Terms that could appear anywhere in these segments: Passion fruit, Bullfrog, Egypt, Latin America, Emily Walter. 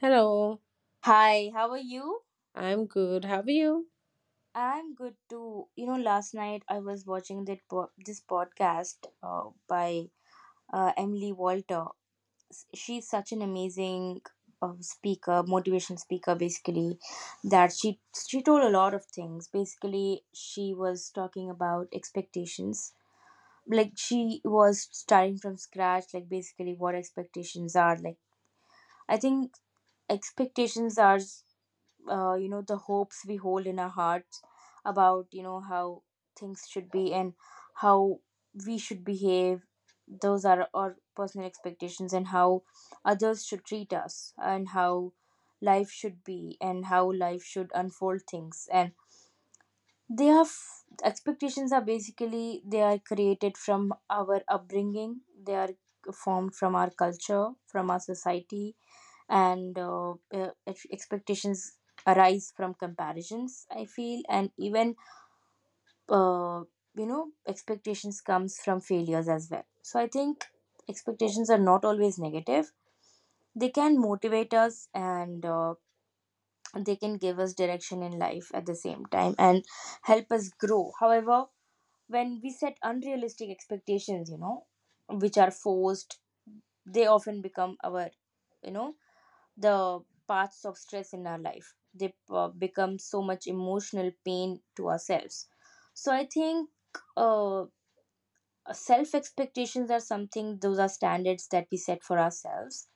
Hello, Hi, how are you? I'm good. How are you? I'm good too. You know, last night I was watching this podcast by Emily Walter. She's such an amazing speaker, motivation speaker, basically. That She told a lot of things. Basically, she was talking about expectations. Like she was starting from scratch. Like basically, what expectations are. I think expectations are. You know, the hopes we hold in our hearts about, you know, how things should be, and how we should behave. Those are our personal expectations, and how others should treat us, and how life should be, and how life should unfold things. And expectations are basically, they are created from our upbringing, they are formed from our culture, from our society. And expectations arise from comparisons, I feel. And even uh, expectations comes from failures as well. So I think expectations are not always negative. They can motivate us, and they can give us direction in life at the same time, and help us grow. However, when we set unrealistic expectations, you know, which are forced, they often become our you know the parts of stress in our life. They become so much emotional pain to ourselves. So I think uh, self expectations are something, those are standards that we set for ourselves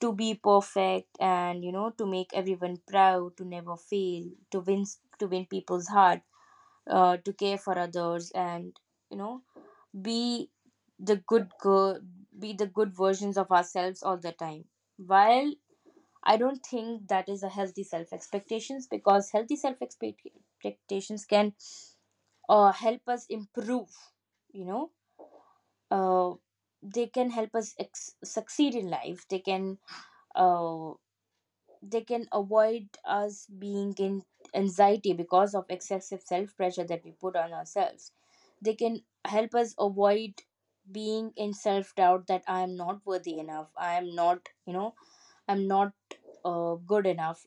to be perfect, and you know, to make everyone proud, to never fail, to win, to win people's heart, to care for others, and you know, be the good girl, be the good versions of ourselves all the time. While I don't think that is a healthy self expectations, because healthy self expectations can help us improve. You know, uh, they can help us succeed in life. They can uh, avoid us being in anxiety because of excessive self pressure that we put on ourselves. They can help us avoid being in self doubt that I am not worthy enough. I'm not good enough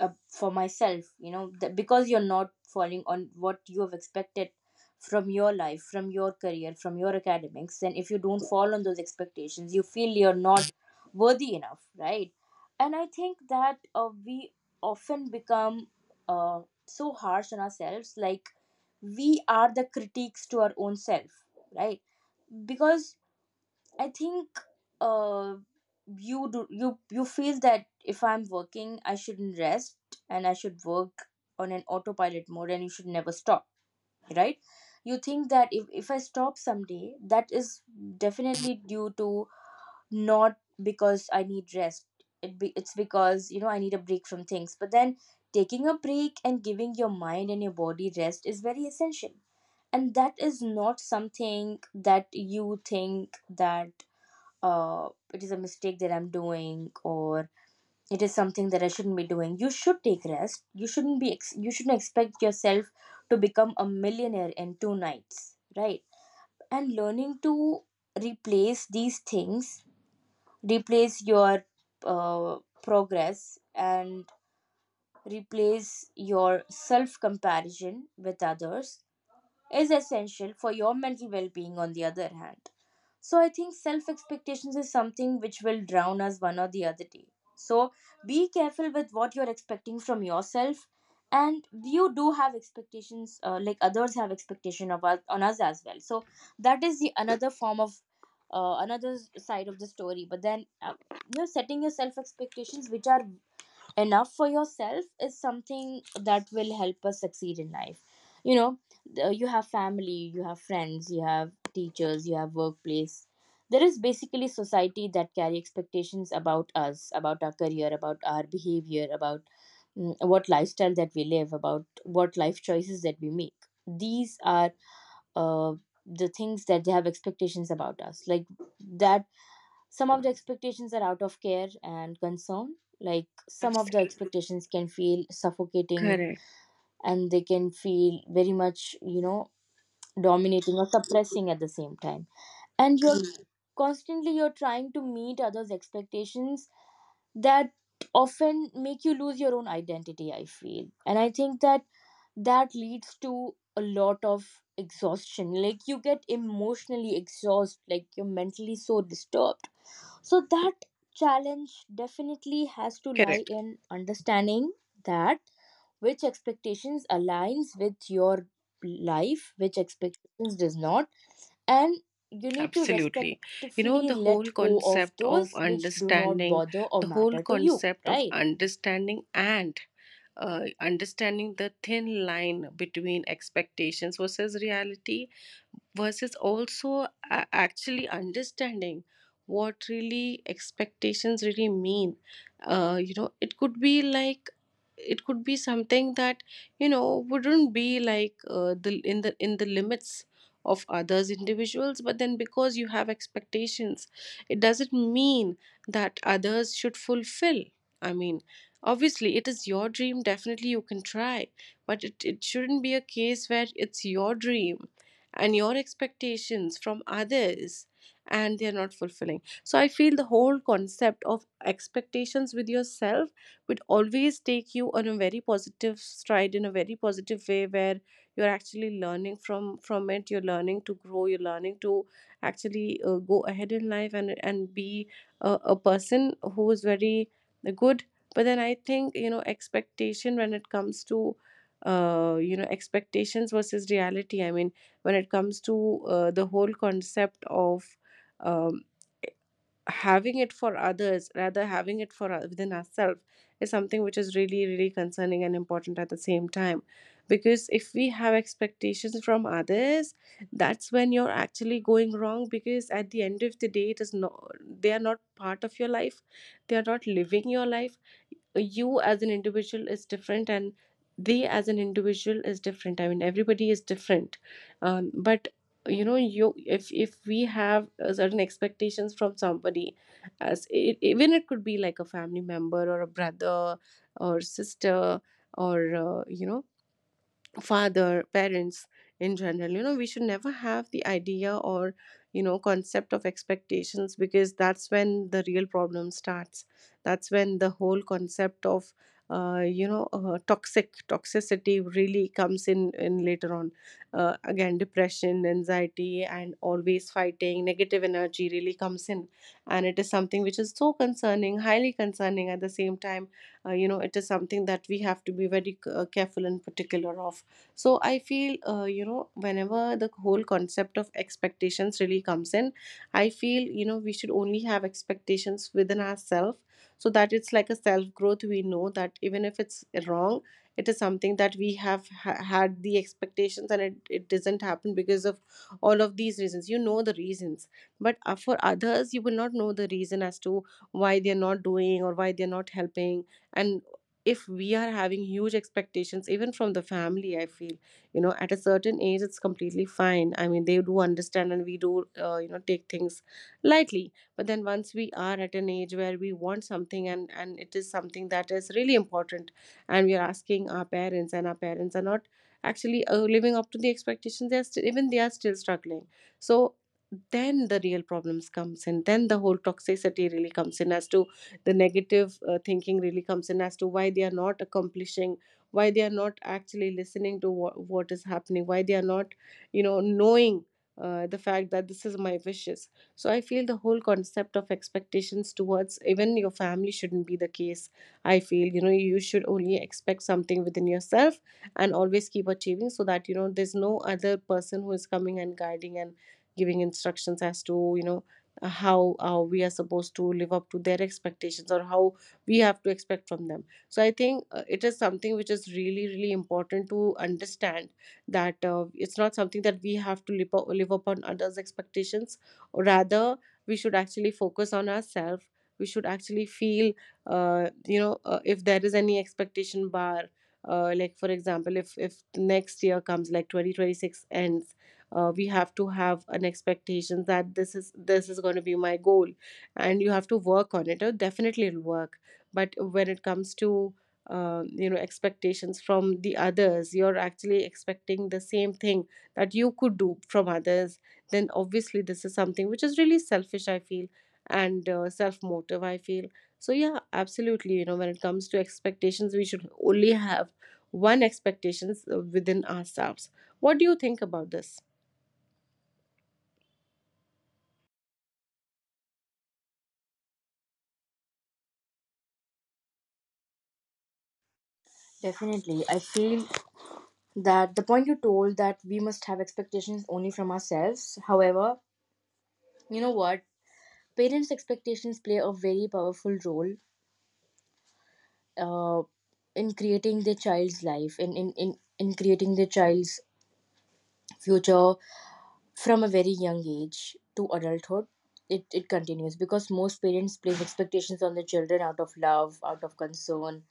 for myself, you know, that because you're not falling on what you have expected from your life, from your career, from your academics. Then if you don't fall on those expectations, you feel you're not worthy enough, right? And I think that we often become uh, so harsh on ourselves, like we are the critiques to our own self, right? Because I think uh, you do you you feel that if I'm working, I shouldn't rest, and I should work on an autopilot mode, and you should never stop, right? You think that if I stop someday, that is definitely due to not because I need rest. It's because, you know, I need a break from things. But then taking a break and giving your mind and your body rest is very essential, and that is not something that you think that it is a mistake that I'm doing, or it is something that I shouldn't be doing. You should take rest. You shouldn't expect yourself to become a millionaire in two nights, right? And learning to replace these things, replace your progress, and replace your self comparison with others is essential for your mental well being, on the other hand. So, I think self expectations is something which will drown us one or the other day. So, be careful with what you're expecting from yourself. And you do have expectations, like others have expectation of us, on us as well. So that is the another form of another side of the story. But then you're setting your self expectations, which are enough for yourself, is something that will help us succeed in life. You know, you have family, you have friends, you have teachers, you have workplace. There is basically society that carry expectations about us, about our career, about our behavior, about what lifestyle that we live, about what life choices that we make. These are uh, the things that they have expectations about us. Like that, some of the expectations are out of care and concern. Like some of the Absolutely expectations can feel suffocating, correct. and they can feel very much, you know, dominating or suppressing at the same time. And you're Mm. constantly you're trying to meet others' expectations that often make you lose your own identity, I feel. And I think that that leads to a lot of exhaustion. Like you get emotionally exhausted, like you're mentally so disturbed, so that challenge definitely has to lie Correct. in understanding that which expectations aligns with your life, which expectations does not, and you need to Absolutely. You know, respectfully the let whole go of concept of those which do not understanding, bother or the whole matter to you, concept of right? understanding and understanding the thin line between expectations versus reality versus also actually understanding what really expectations really mean. You know, it could be like, it could be something that, you know, wouldn't be like, the in the limits of others individuals, but then because you have expectations, it doesn't mean that others should fulfill. I mean, obviously it is your dream, definitely you can try, but it shouldn't be a case where it's your dream and your expectations from others and they're not fulfilling. So I feel the whole concept of expectations with yourself would always take you on a very positive stride in a very positive way, where you're actually learning from it, you're learning to grow, you're learning to actually go ahead in life and be a person who is very good. But then I think, you know, expectation when it comes to, you know, expectations versus reality, I mean, when it comes to, the whole concept of um, having it for others rather having it for, within ourselves, is something which is really really concerning and important at the same time. Because if we have expectations from others, that's when you're actually going wrong, because at the end of the day, it is not, they are not part of your life, they are not living your life. You as an individual is different and they as an individual is different. I mean, everybody is different. But you know, you if we have certain expectations from somebody, as it, even it could be like a family member or a brother or sister or, you know, father, parents in general, you know, we should never have the idea or, you know, concept of expectations, because that's when the real problem starts. That's when the whole concept of, you know, toxicity really comes in later on. Again, depression, anxiety, and always fighting negative energy really comes in. And it is something which is so concerning, highly concerning at the same time. You know, it is something that we have to be very careful and particular of. So I feel, you know, whenever the whole concept of expectations really comes in, I feel, you know, we should only have expectations within ourselves, so that it's like a self growth. We know that even if it's wrong, it is something that we have had the expectations and it doesn't happen because of all of these reasons, you know, the reasons. But for others, you will not know the reason as to why they're not doing or why they're not helping. And if we are having huge expectations even from the family, I feel, you know, at a certain age it's completely fine. I mean, they do understand and we do you know, take things lightly. But then once we are at an age where we want something, and it is something that is really important, and we are asking our parents and our parents are not actually living up to the expectations, they are still, even they are still struggling. So then the real problems comes in, then the whole toxicity really comes in as to the negative thinking really comes in as to why they are not accomplishing, why they are not actually listening to what is happening, why they are not, you know, knowing the fact that this is my wishes. So I feel the whole concept of expectations towards even your family shouldn't be the case. I feel, you know, you should only expect something within yourself and always keep achieving, so that you know there's no other person who is coming and guiding and giving instructions as to, you know, how we are supposed to live up to their expectations or how we have to expect from them. So I think it is something which is really really important to understand, that it's not something that we have to live, up, live upon others expectations. Rather, we should actually focus on ourselves, we should actually feel, you know, if there is any expectation bar, like for example, if next year comes, like 2026 ends, we have to have an expectation that this is going to be my goal and you have to work on it. Definitely it'll work. But when it comes to, you know, expectations from the others, you're actually expecting the same thing that you could do from others, then obviously this is something which is really selfish, I feel, and self motive, I feel. So yeah, absolutely, you know, when it comes to expectations, we should only have one expectations within ourselves. What do you think about this? Definitely. I feel that the point you told that we must have expectations only from ourselves. However, you know what? Parents' expectations play a very powerful role uh, in creating their child's life, in creating their child's future from a very young age to adulthood. It continues because most parents place expectations on their children out of love, out of concern,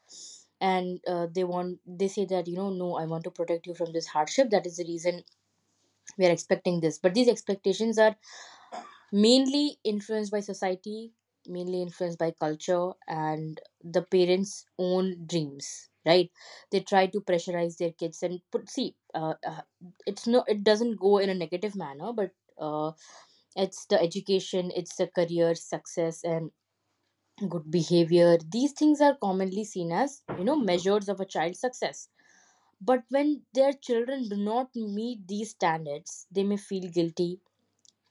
and they want, they say that, you know, no, I want to protect you from this hardship, that is the reason we are expecting this. But these expectations are mainly influenced by society, mainly influenced by culture, and the parents own dreams, right? They try to pressurize their kids and put see it's no, it doesn't go in a negative manner. But uh, it's the education, it's the career success, and good behavior. These things are commonly seen as, you know, measures of a child's success. But when their children do not meet these standards, they may feel guilty,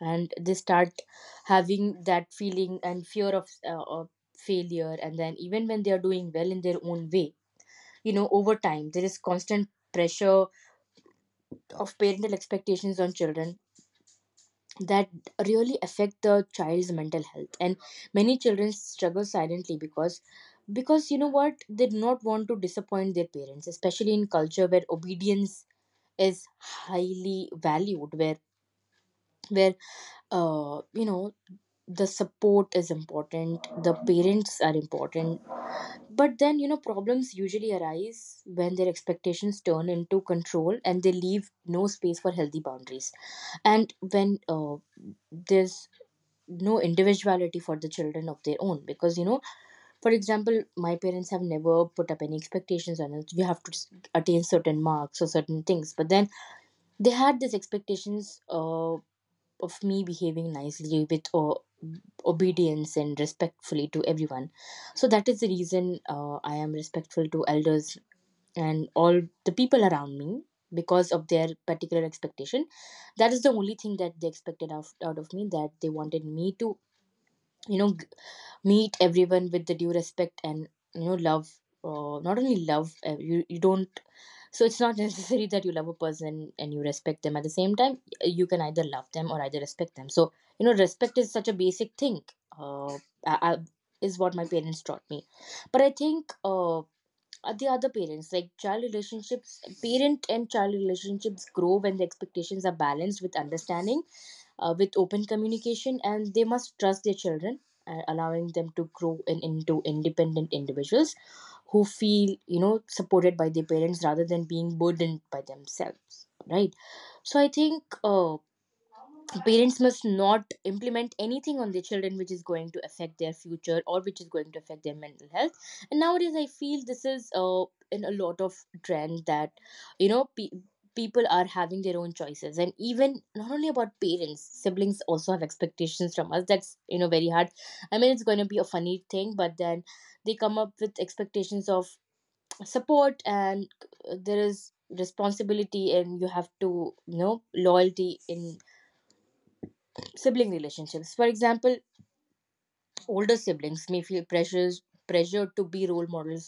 and they start having that feeling and fear of failure. And then even when they are doing well in their own way, you know, over time there is constant pressure of parental expectations on children that really affect the child's mental health. And many children struggle silently because you know what, they do not want to disappoint their parents, especially in culture where obedience is highly valued, where you know, the support is important, the parents are important. But then, you know, problems usually arise when their expectations turn into control, and they leave no space for healthy boundaries. And when there's no individuality for the children of their own. Because, you know, for example, my parents have never put up any expectations on us, we have to attain certain marks or certain things. But then they had these expectations of me behaving nicely with obedience and respectfully to everyone. So that is the reason I am respectful to elders and all the people around me, because of their particular expectation. That is the only thing that they expected out of me, that they wanted me to, you know, meet everyone with the due respect, and you know, love. Not only love, you don't, so it's not necessary that you love a person and you respect them at the same time, you can either love them or either respect them. So you know, respect is such a basic thing, uh, I, I, is what my parents taught me. But I think the other parent and child relationships grow when the expectations are balanced with understanding, with open communication, and they must trust their children, allowing them to grow into independent individuals who feel, you know, supported by their parents rather than being burdened by themselves, right? So I think parents must not implement anything on their children which is going to affect their future, or which is going to affect their mental health. And nowadays I feel this is in a lot of trend that, you know, people are having their own choices. And even not only about parents, siblings also have expectations from us, that's, you know, very hard. I mean, it's going to be a funny thing. But then they come up with expectations of support, and there is responsibility, and you have to, you know, loyalty in sibling relationships. For example, older siblings may feel pressures pressured to be role models,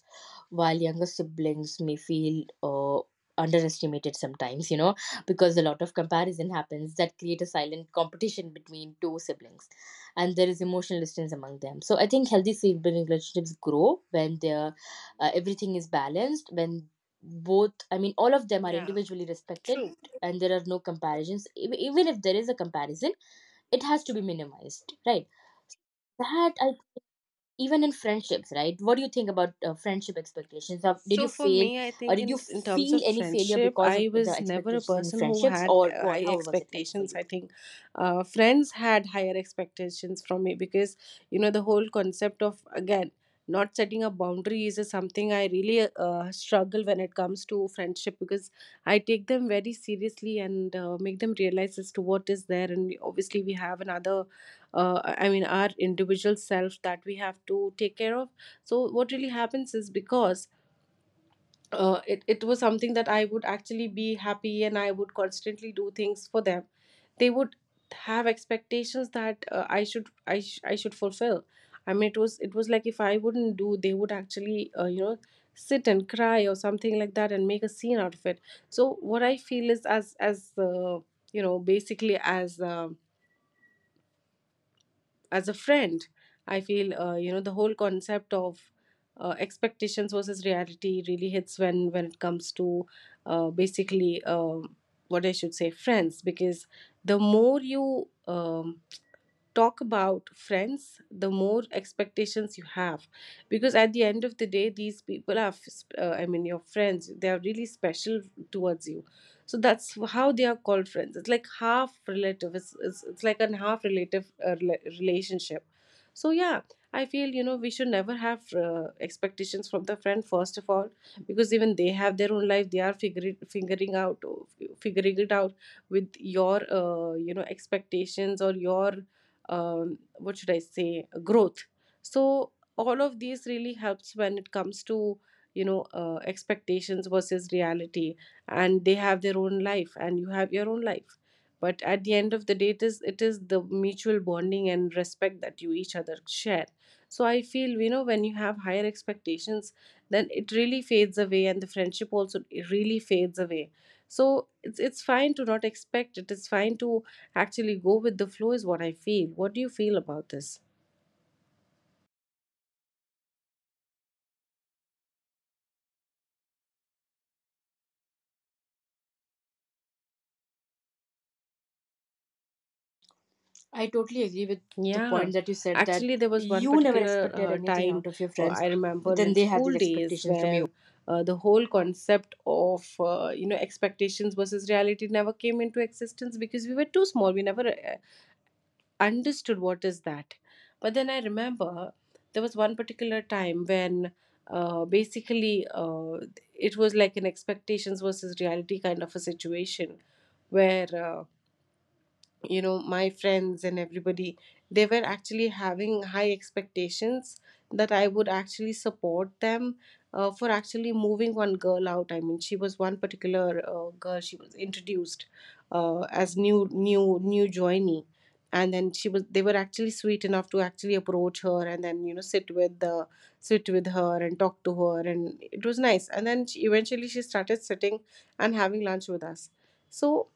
while younger siblings may feel underestimated sometimes, you know, because a lot of comparison happens that create a silent competition between two siblings, and there is emotional distance among them. So I think healthy sibling relationships grow when they're everything is balanced, when both I mean all of them are Yeah, individually respected, true. and there are no comparisons. Even if there is a comparison, it has to be minimized, right? that I, Even in friendships, right? What do you think about friendship expectations of, did you So for me, fail I or think did you in terms feel of any failure friendship, because of I the was never a expectations in person who friendships, had or what, high how was it like for expectations. you? I think friends had higher expectations from me, because you know, the whole concept of again not setting up boundaries is something I really struggle when it comes to friendship, because I take them very seriously and make them realize as to what is there. And we, obviously, we have another, I mean, our individual self that we have to take care of. So what really happens is, because it was something that I would actually be happy and I would constantly do things for them. They would have expectations that I should I should fulfill. I mean, it was like if I wouldn't do, they would actually you know, sit and cry or something like that and make a scene out of it. So what I feel is, as you know, basically as a friend, I feel you know, the whole concept of expectations versus reality really hits when it comes to basically what I should say, friends. Because the more you um, talk about friends, the more expectations you have. Because at the end of the day, these people are, I mean, your friends, they are really special towards you. So that's how they are called friends. It's like half relative, it's like a half relative relationship. So yeah, I feel, you know, we should never have expectations from the friend, first of all, because even they have their own life, they are figuring out, figuring it out with your you know, expectations or your what should I say, growth. So all of these really helps when it comes to, you know, expectations versus reality. And they have their own life and you have your own life, but at the end of the day, it is the mutual bonding and respect that you each other share. So I feel, you know, when you have higher expectations, then it really fades away, and the friendship also, it really fades away. So it's fine to not expect, it is fine to actually go with the flow, is what I feel. What do you feel about this? I totally agree with the Yeah, point that you said, that actually, there was one you never particular expected anything time, out of your friends, I but remember then in they have school these days expectations from you. where the whole concept of you know, expectations versus reality never came into existence, because we were too small. We never understood what is that. But then I remember there was one particular time when basically it was like an expectations versus reality kind of a situation where you know my friends and everybody, they were actually having high expectations that I would actually support them, for actually moving one girl out. I mean, she was one particular girl, she was introduced as new joinee, and then she was they were actually sweet enough to actually approach her and then, you know, sit with her and talk to her, and it was nice. And then eventually she started sitting and having lunch with us. So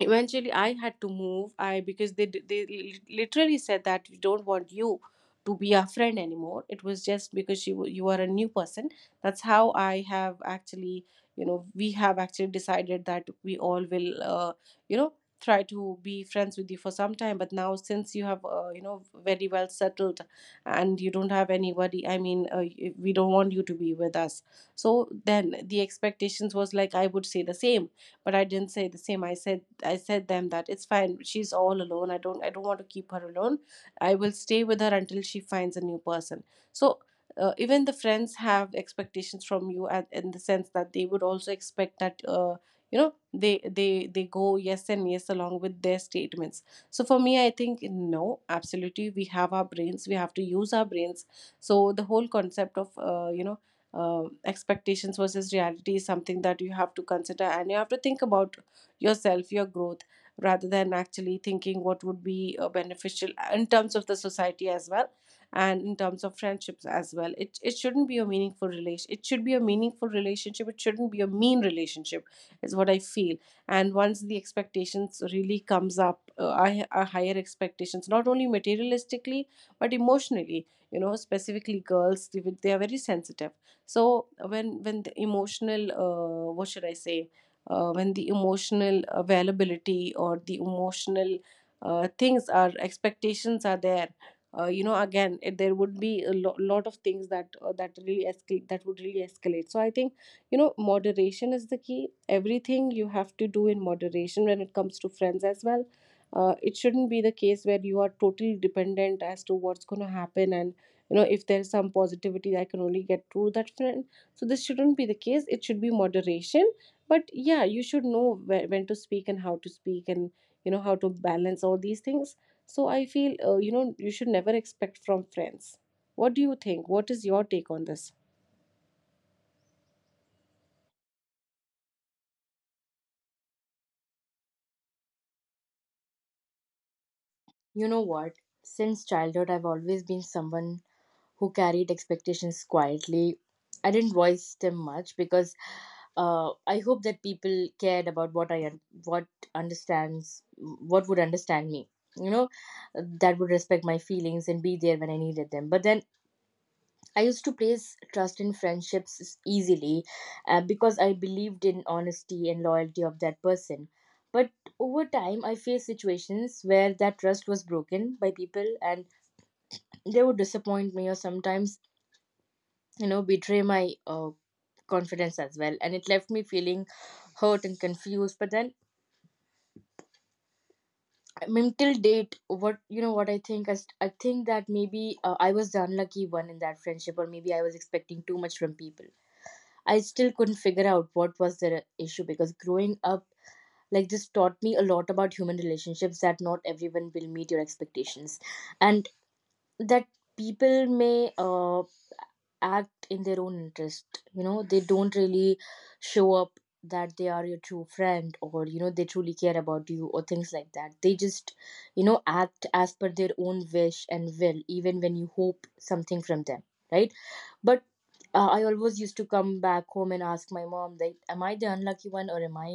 eventually I had to move I because they they literally said that we don't want you to be our friend anymore. It was just because you are a new person. That's how I have actually you know, we have actually decided that we all will, you know, try to be friends with you for some time, but now since you have, you know, very well settled and you don't have anybody. I mean, we don't want you to be with us. So then the expectations was, like, I would say the same, but I didn't say the same. I said, I said them that it's fine. She's all alone. I don't want to keep her alone. I will stay with her until she finds a new person. So even the friends have expectations from you in the sense that they would also expect that, you know, they go yes and yes along with their statements. So for me, I think no, absolutely, we have our brains, we have to use our brains. So the whole concept of, you know, expectations versus reality is something that you have to consider and you have to think about yourself, your growth, rather than actually thinking what would be beneficial in terms of the society as well and in terms of friendships as well. It shouldn't be a meaningful relation. It should be a meaningful relationship. It shouldn't be a mean relationship, is what I feel. And once the expectations really comes up, are higher expectations, not only materialistically but emotionally. You know, specifically girls, they are very sensitive. So when the emotional, what should I say? When the emotional availability or the emotional things are expectations are there, you know, again, there would be a lot of things that that really escalate that would really escalate. So I think, you know, moderation is the key. Everything you have to do in moderation when it comes to friends as well. It shouldn't be the case where you are totally dependent as to what's going to happen, and, you know, if there's some positivity, I can only get through that friend. So this shouldn't be the case, it should be moderation. But yeah, you should know where, when to speak and how to speak and, you know, how to balance all these things. So I feel, you know, you should never expect from friends. What do you think, what is your take on this? You know what, since childhood I've always been someone who carried expectations quietly. I didn't voice them much because I hope that people cared about what understands, what would understand me. You know, that would respect my feelings and be there when I needed them. But then I used to place trust in friendships easily, because I believed in honesty and loyalty of that person. But over time, I faced situations where that trust was broken by people, and they would disappoint me, or sometimes, you know, betray my confidence as well, and it left me feeling hurt and confused. But then, I mean, till date, what, you know, what I think, I think that maybe I was the unlucky one in that friendship, or maybe I was expecting too much from people. I still couldn't figure out what was the issue, because growing up like this taught me a lot about human relationships, that not everyone will meet your expectations, and that people may act in their own interest. You know, they don't really show up that they are your true friend, or you know, they truly care about you, or things like that. They just, you know, act as per their own wish and will, even when you hope something from them, right? But I always used to come back home and ask my mom, like, am I the unlucky one, or am I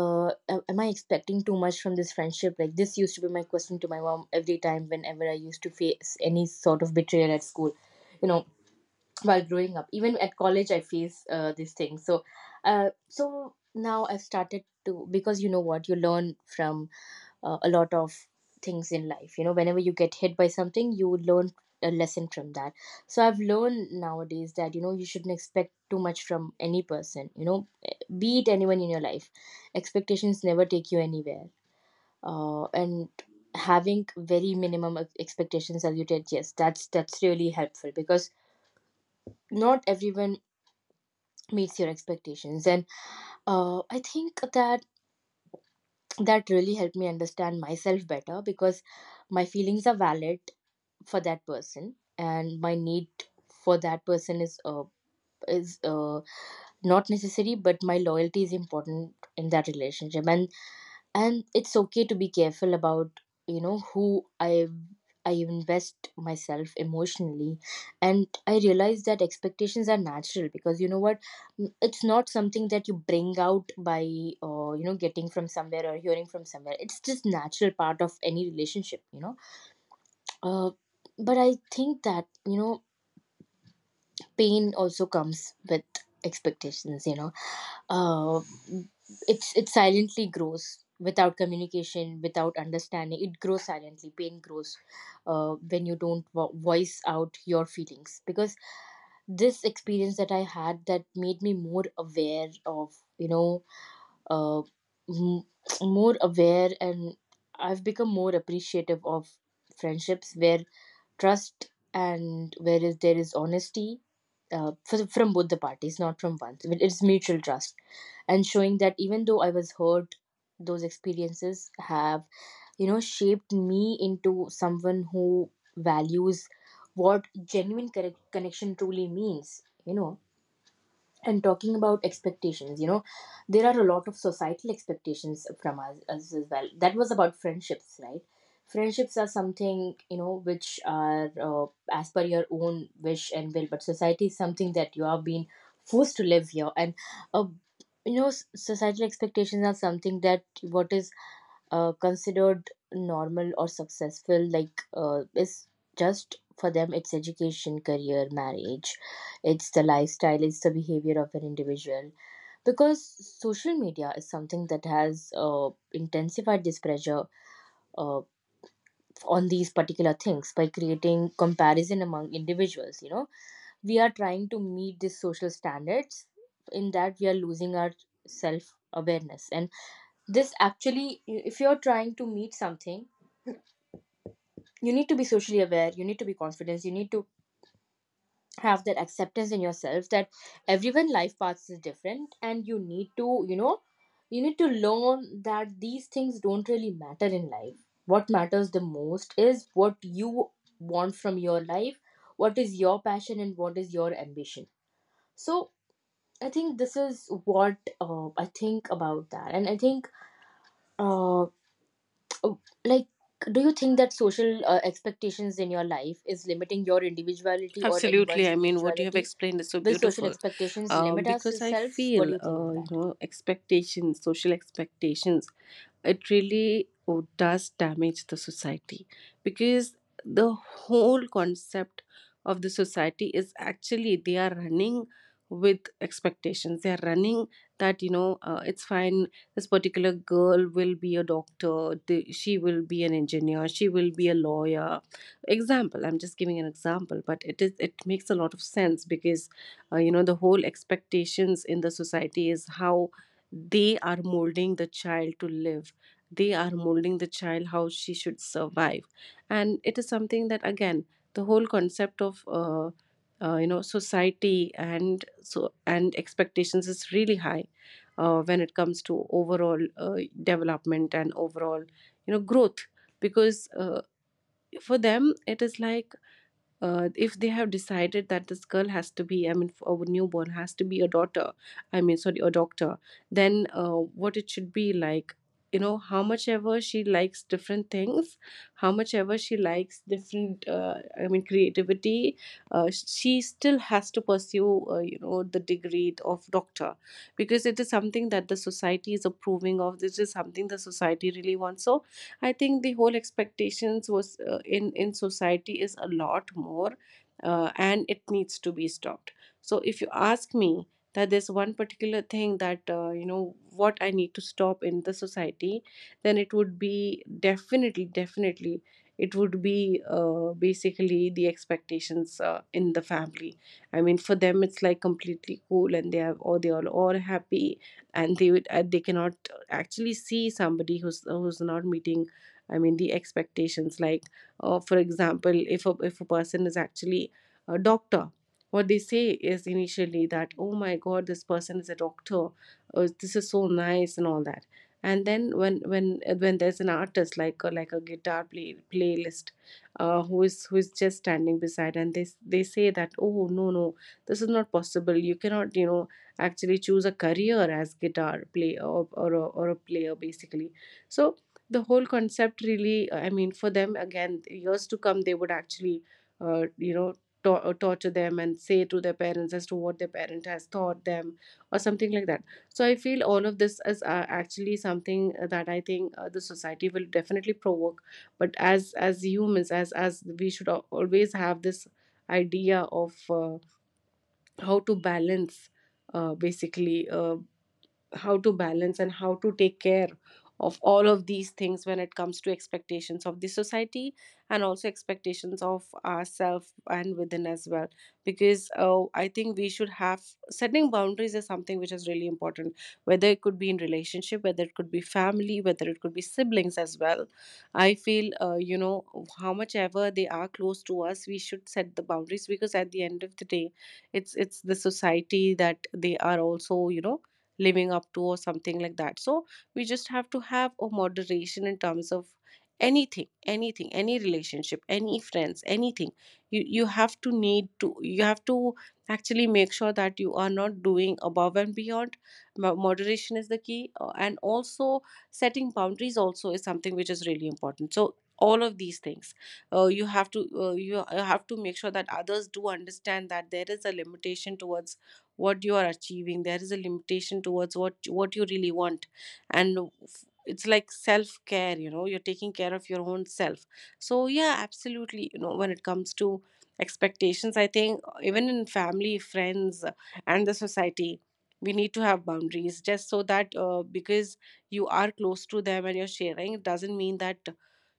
am I expecting too much from this friendship? Like, this used to be my question to my mom every time, whenever I used to face any sort of betrayal at school, you know, while growing up, even at college I face this thing. So, uh, so now I've started to, because you know what, you learn from a lot of things in life, you know, whenever you get hit by something you learn a lesson from that. So I've learned nowadays that, you know, you shouldn't expect too much from any person, you know, be it anyone in your life. Expectations never take you anywhere. Uh, and having very minimum expectations, as you did, yes, that's really helpful because not everyone meets your expectations. And I think that that really helped me understand myself better, because my feelings are valid for that person, and my need for that person is is uh, not necessary, but my loyalty is important in that relationship. And it's okay to be careful about, you know, who I invest myself emotionally. And I realize that expectations are natural, because you know what, Mm, it's not something that you bring out by you know, getting from somewhere or hearing from somewhere. It's just natural part of any relationship, you know. uh, but I think that, you know, pain also comes with expectations, you know. uh, it's it silently grows without communication, without understanding. It grows silently, pain grows when you don't voice out your feelings. Because this experience that I had, that made me more aware of, you know, uh, m- more aware. And I've become more appreciative of friendships where trust and whereas there is honesty, from both the parties, not from one. But it's mutual trust, and showing that even though I was hurt, those experiences have, you know, shaped me into someone who values what genuine correct connection truly means, you know. And talking about expectations, you know, there are a lot of societal expectations from us, us as well, that was about friendships, right? Friendships are something, you know, which are as per your own wish and will, but society is something that you are being forced to live here. And uh, you know, societal expectations are something that what is considered normal or successful, like is just for them, it's education, career, marriage. It's the lifestyle, it's the behavior of an individual. Because social media is something that has intensified this pressure uh, on these particular things by creating comparison among individuals, you know. We are trying to meet these social standards, in that we are losing our self awareness. And this actually, if you're trying to meet something, you need to be socially aware, you need to be confident, you need to have that acceptance in yourself that everyone life paths is different, and you need to, you know, you need to learn that these things don't really matter in life. What matters the most is what you want from your life, what is your passion and what is your ambition. So I think this is what I think about that. And I think uh, Oh, like, do you think that social expectations in your life is limiting your individuality or Absolutely. anyone's I mean, what you have individuality? explained is so Will social beautiful. expectations limit Because I ourselves? What do feel, you think on you that? know, expectations, social expectations, it really, oh, does damage the society, because the whole concept of the society is, actually, they are running with expectations, they are running that, you know, it's fine, this particular girl will be a doctor, she will be an engineer, she will be a lawyer. Example, I'm just giving an example, but it is, it makes a lot of sense, because, you know, the whole expectations in the society is how they are molding the child to live, they are molding the child how she should survive. And it is something that, again, the whole concept of, you know, society and so and expectations is really high when it comes to overall development and overall, you know, growth. Because, for them it is like, if they have decided that this girl has to be, I mean, for a newborn, has to be a daughter, I mean, sorry, a doctor, then, what it should be like, you know. How much ever she likes different things, how much ever she likes different I mean, creativity, she still has to pursue, you know, the degree of doctor, because it is something that the society is approving of, this is something the society really wants. So I think the whole expectations was in society is a lot more, and it needs to be stopped. So if you ask me that there's one particular thing that, you know, what I need to stop in the society, then it would be definitely, definitely, it would be basically the expectations in the family. I mean, for them it's like completely cool, and they have, or they are all happy, and they would, they cannot actually see somebody who's not meeting, I mean, the expectations. Like, for example, if if a person is actually a doctor, what they say is initially that, oh my God, this person is a doctor. This is so nice and all that. And then when there's an artist, like like a playlist, who is, just standing beside, and they say that, oh no, no, this is not possible. You cannot, you know, actually choose a career as guitar player, or a player, basically. So the whole concept really, I mean, for them, again, years to come, they would actually you know, torture them and say to their parents as to what their parent has taught them, or something like that. So I feel all of this is, actually something that I think, the society will definitely provoke, but as humans, as we should always have this idea of, how to balance, basically how to balance and how to take care of all of these things when it comes to expectations of the society, and also expectations of ourselves and within as well. Because, I think we should have, setting boundaries is something which is really important, whether it could be in relationship, whether it could be family, whether it could be siblings as well. I feel, you know, how much ever they are close to us, we should set the boundaries, because at the end of the day, it's the society that they are also, you know, living up to, or something like that. So we just have to have a moderation in terms of anything, anything, any relationship, any friends, anything. You have to, need to, you have to actually make sure that you are not doing above and beyond. Moderation is the key, and also setting boundaries also is something which is really important. So all of these things, you have to, you have to make sure that others do understand that there is a limitation towards what you are achieving, there is a limitation towards what you really want. And it's like self care, you know, you're taking care of your own self. So yeah, absolutely, you know, when it comes to expectations, I think, even in family, friends, and the society, we need to have boundaries, just so that, because you are close to them and you're sharing, it doesn't mean that,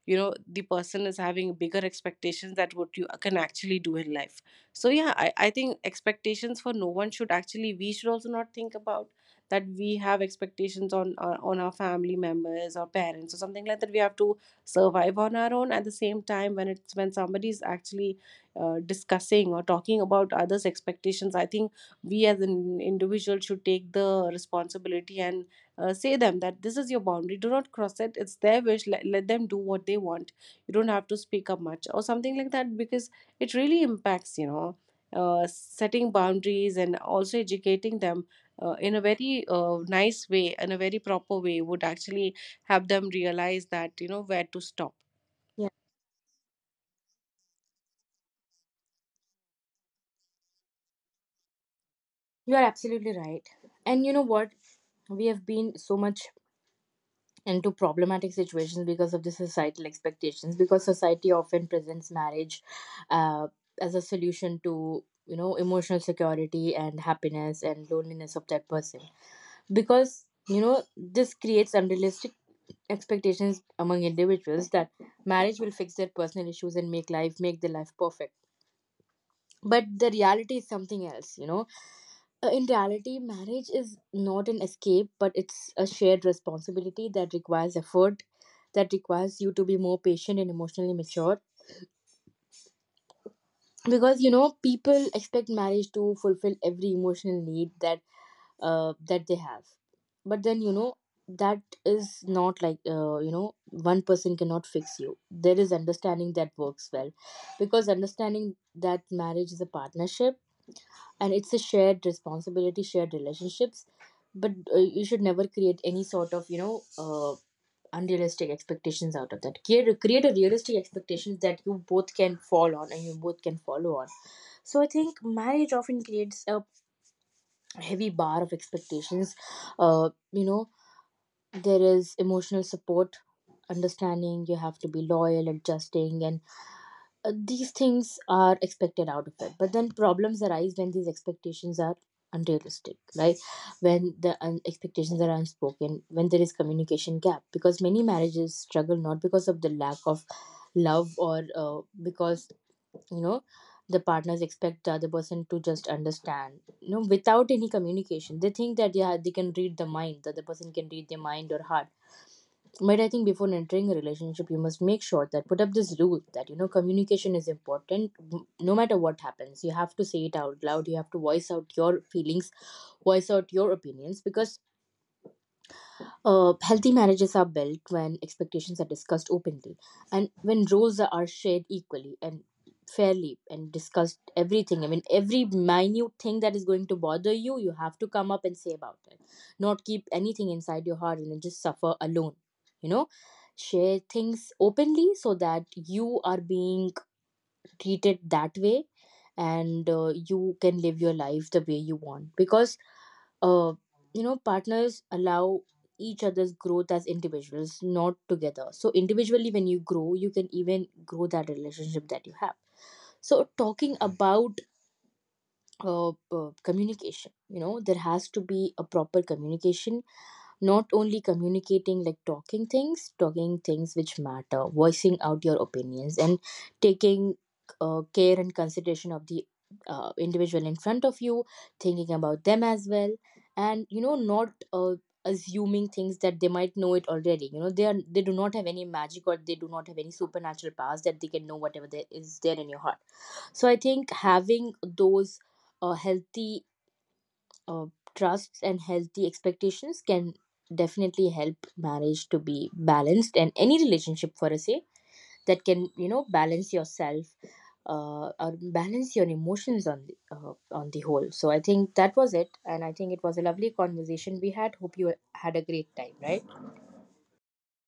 you know, the person is having bigger expectations that what you can actually do in life. So yeah, I think expectations for no one should, actually, we should also not think about that we have expectations on on our family members or parents or something like that. We have to survive on our own. At the same time, when it's, when somebody is actually discussing or talking about others expectations, I think we as an individual should take the responsibility and say them that this is your boundary, do not cross it, it's their wish, let them do what they want. You don't have to speak up much or something like that, because it really impacts, you know, setting boundaries, and also educating them in a very nice way, in a very proper way, would actually help them realize that, you know, where to stop. Yeah, you are absolutely right. And you know what, we have been so much into problematic situations because of the societal expectations, because society often presents marriage uh, as a solution to, you know, emotional security and happiness and loneliness of that person. Because you know, this creates unrealistic expectations among individuals, that marriage will fix their personal issues and make life, make their life perfect. But the reality is something else, you know. In reality, marriage is not an escape, but it's a shared responsibility that requires effort, that requires you to be more patient and emotionally mature. Because you know, people expect marriage to fulfill every emotional need that that they have. But then you know, that is not like, you know, one person cannot fix you. There is understanding that works well, because understanding that marriage is a partnership, and it's a shared responsibility, shared relationships. But you should never create any sort of, you know, unrealistic expectations out of that. Create, create a realistic expectations that you both can fall on and you both can follow on. So I think marriage often creates a heavy bar of expectations. You know, there is emotional support, understanding, you have to be loyal, adjusting. And these things are expected out of it, but then problems arise when these expectations are unrealistic, right? When the expectations are unspoken, when there is communication gap. Because many marriages struggle not because of the lack of love, or because you know, the partners expect the other person to just understand, you know, without any communication. They think that yeah, they can read the mind, the other person can read their mind or heart. But I think before entering a relationship, you must make sure that put up this rule, that you know, communication is important. No matter what happens, you have to say it out loud, you have to voice out your feelings, voice out your opinions. Because healthy marriages are built when expectations are discussed openly, and when roles are shared equally and fairly, and discussed everything. I mean, every minute thing that is going to bother you, you have to come up and say about it. Not keep anything inside your heart and then just suffer alone. You know, share things openly so that you are being treated that way. And you can live your life the way you want. Because uh, you know, partners allow each other's growth as individuals, not together. So individually when you grow, you can even grow that relationship that you have. So talking about communication, you know, there has to be a proper communication, not only communicating like talking things, talking things which matter, voicing out your opinions and taking care and consideration of the individual in front of you, thinking about them as well. And you know, not assuming things that they might know it already. You know, they are, they do not have any magic, or they do not have any supernatural powers that they can know whatever there is there in your heart. So I think having those healthy uh, trusts and healthy expectations can definitely help marriage to be balanced, and any relationship for a say, that can you know balance yourself or balance your emotions on the whole. So I think that was it, and I think it was a lovely conversation we had. Hope you had a great time, right?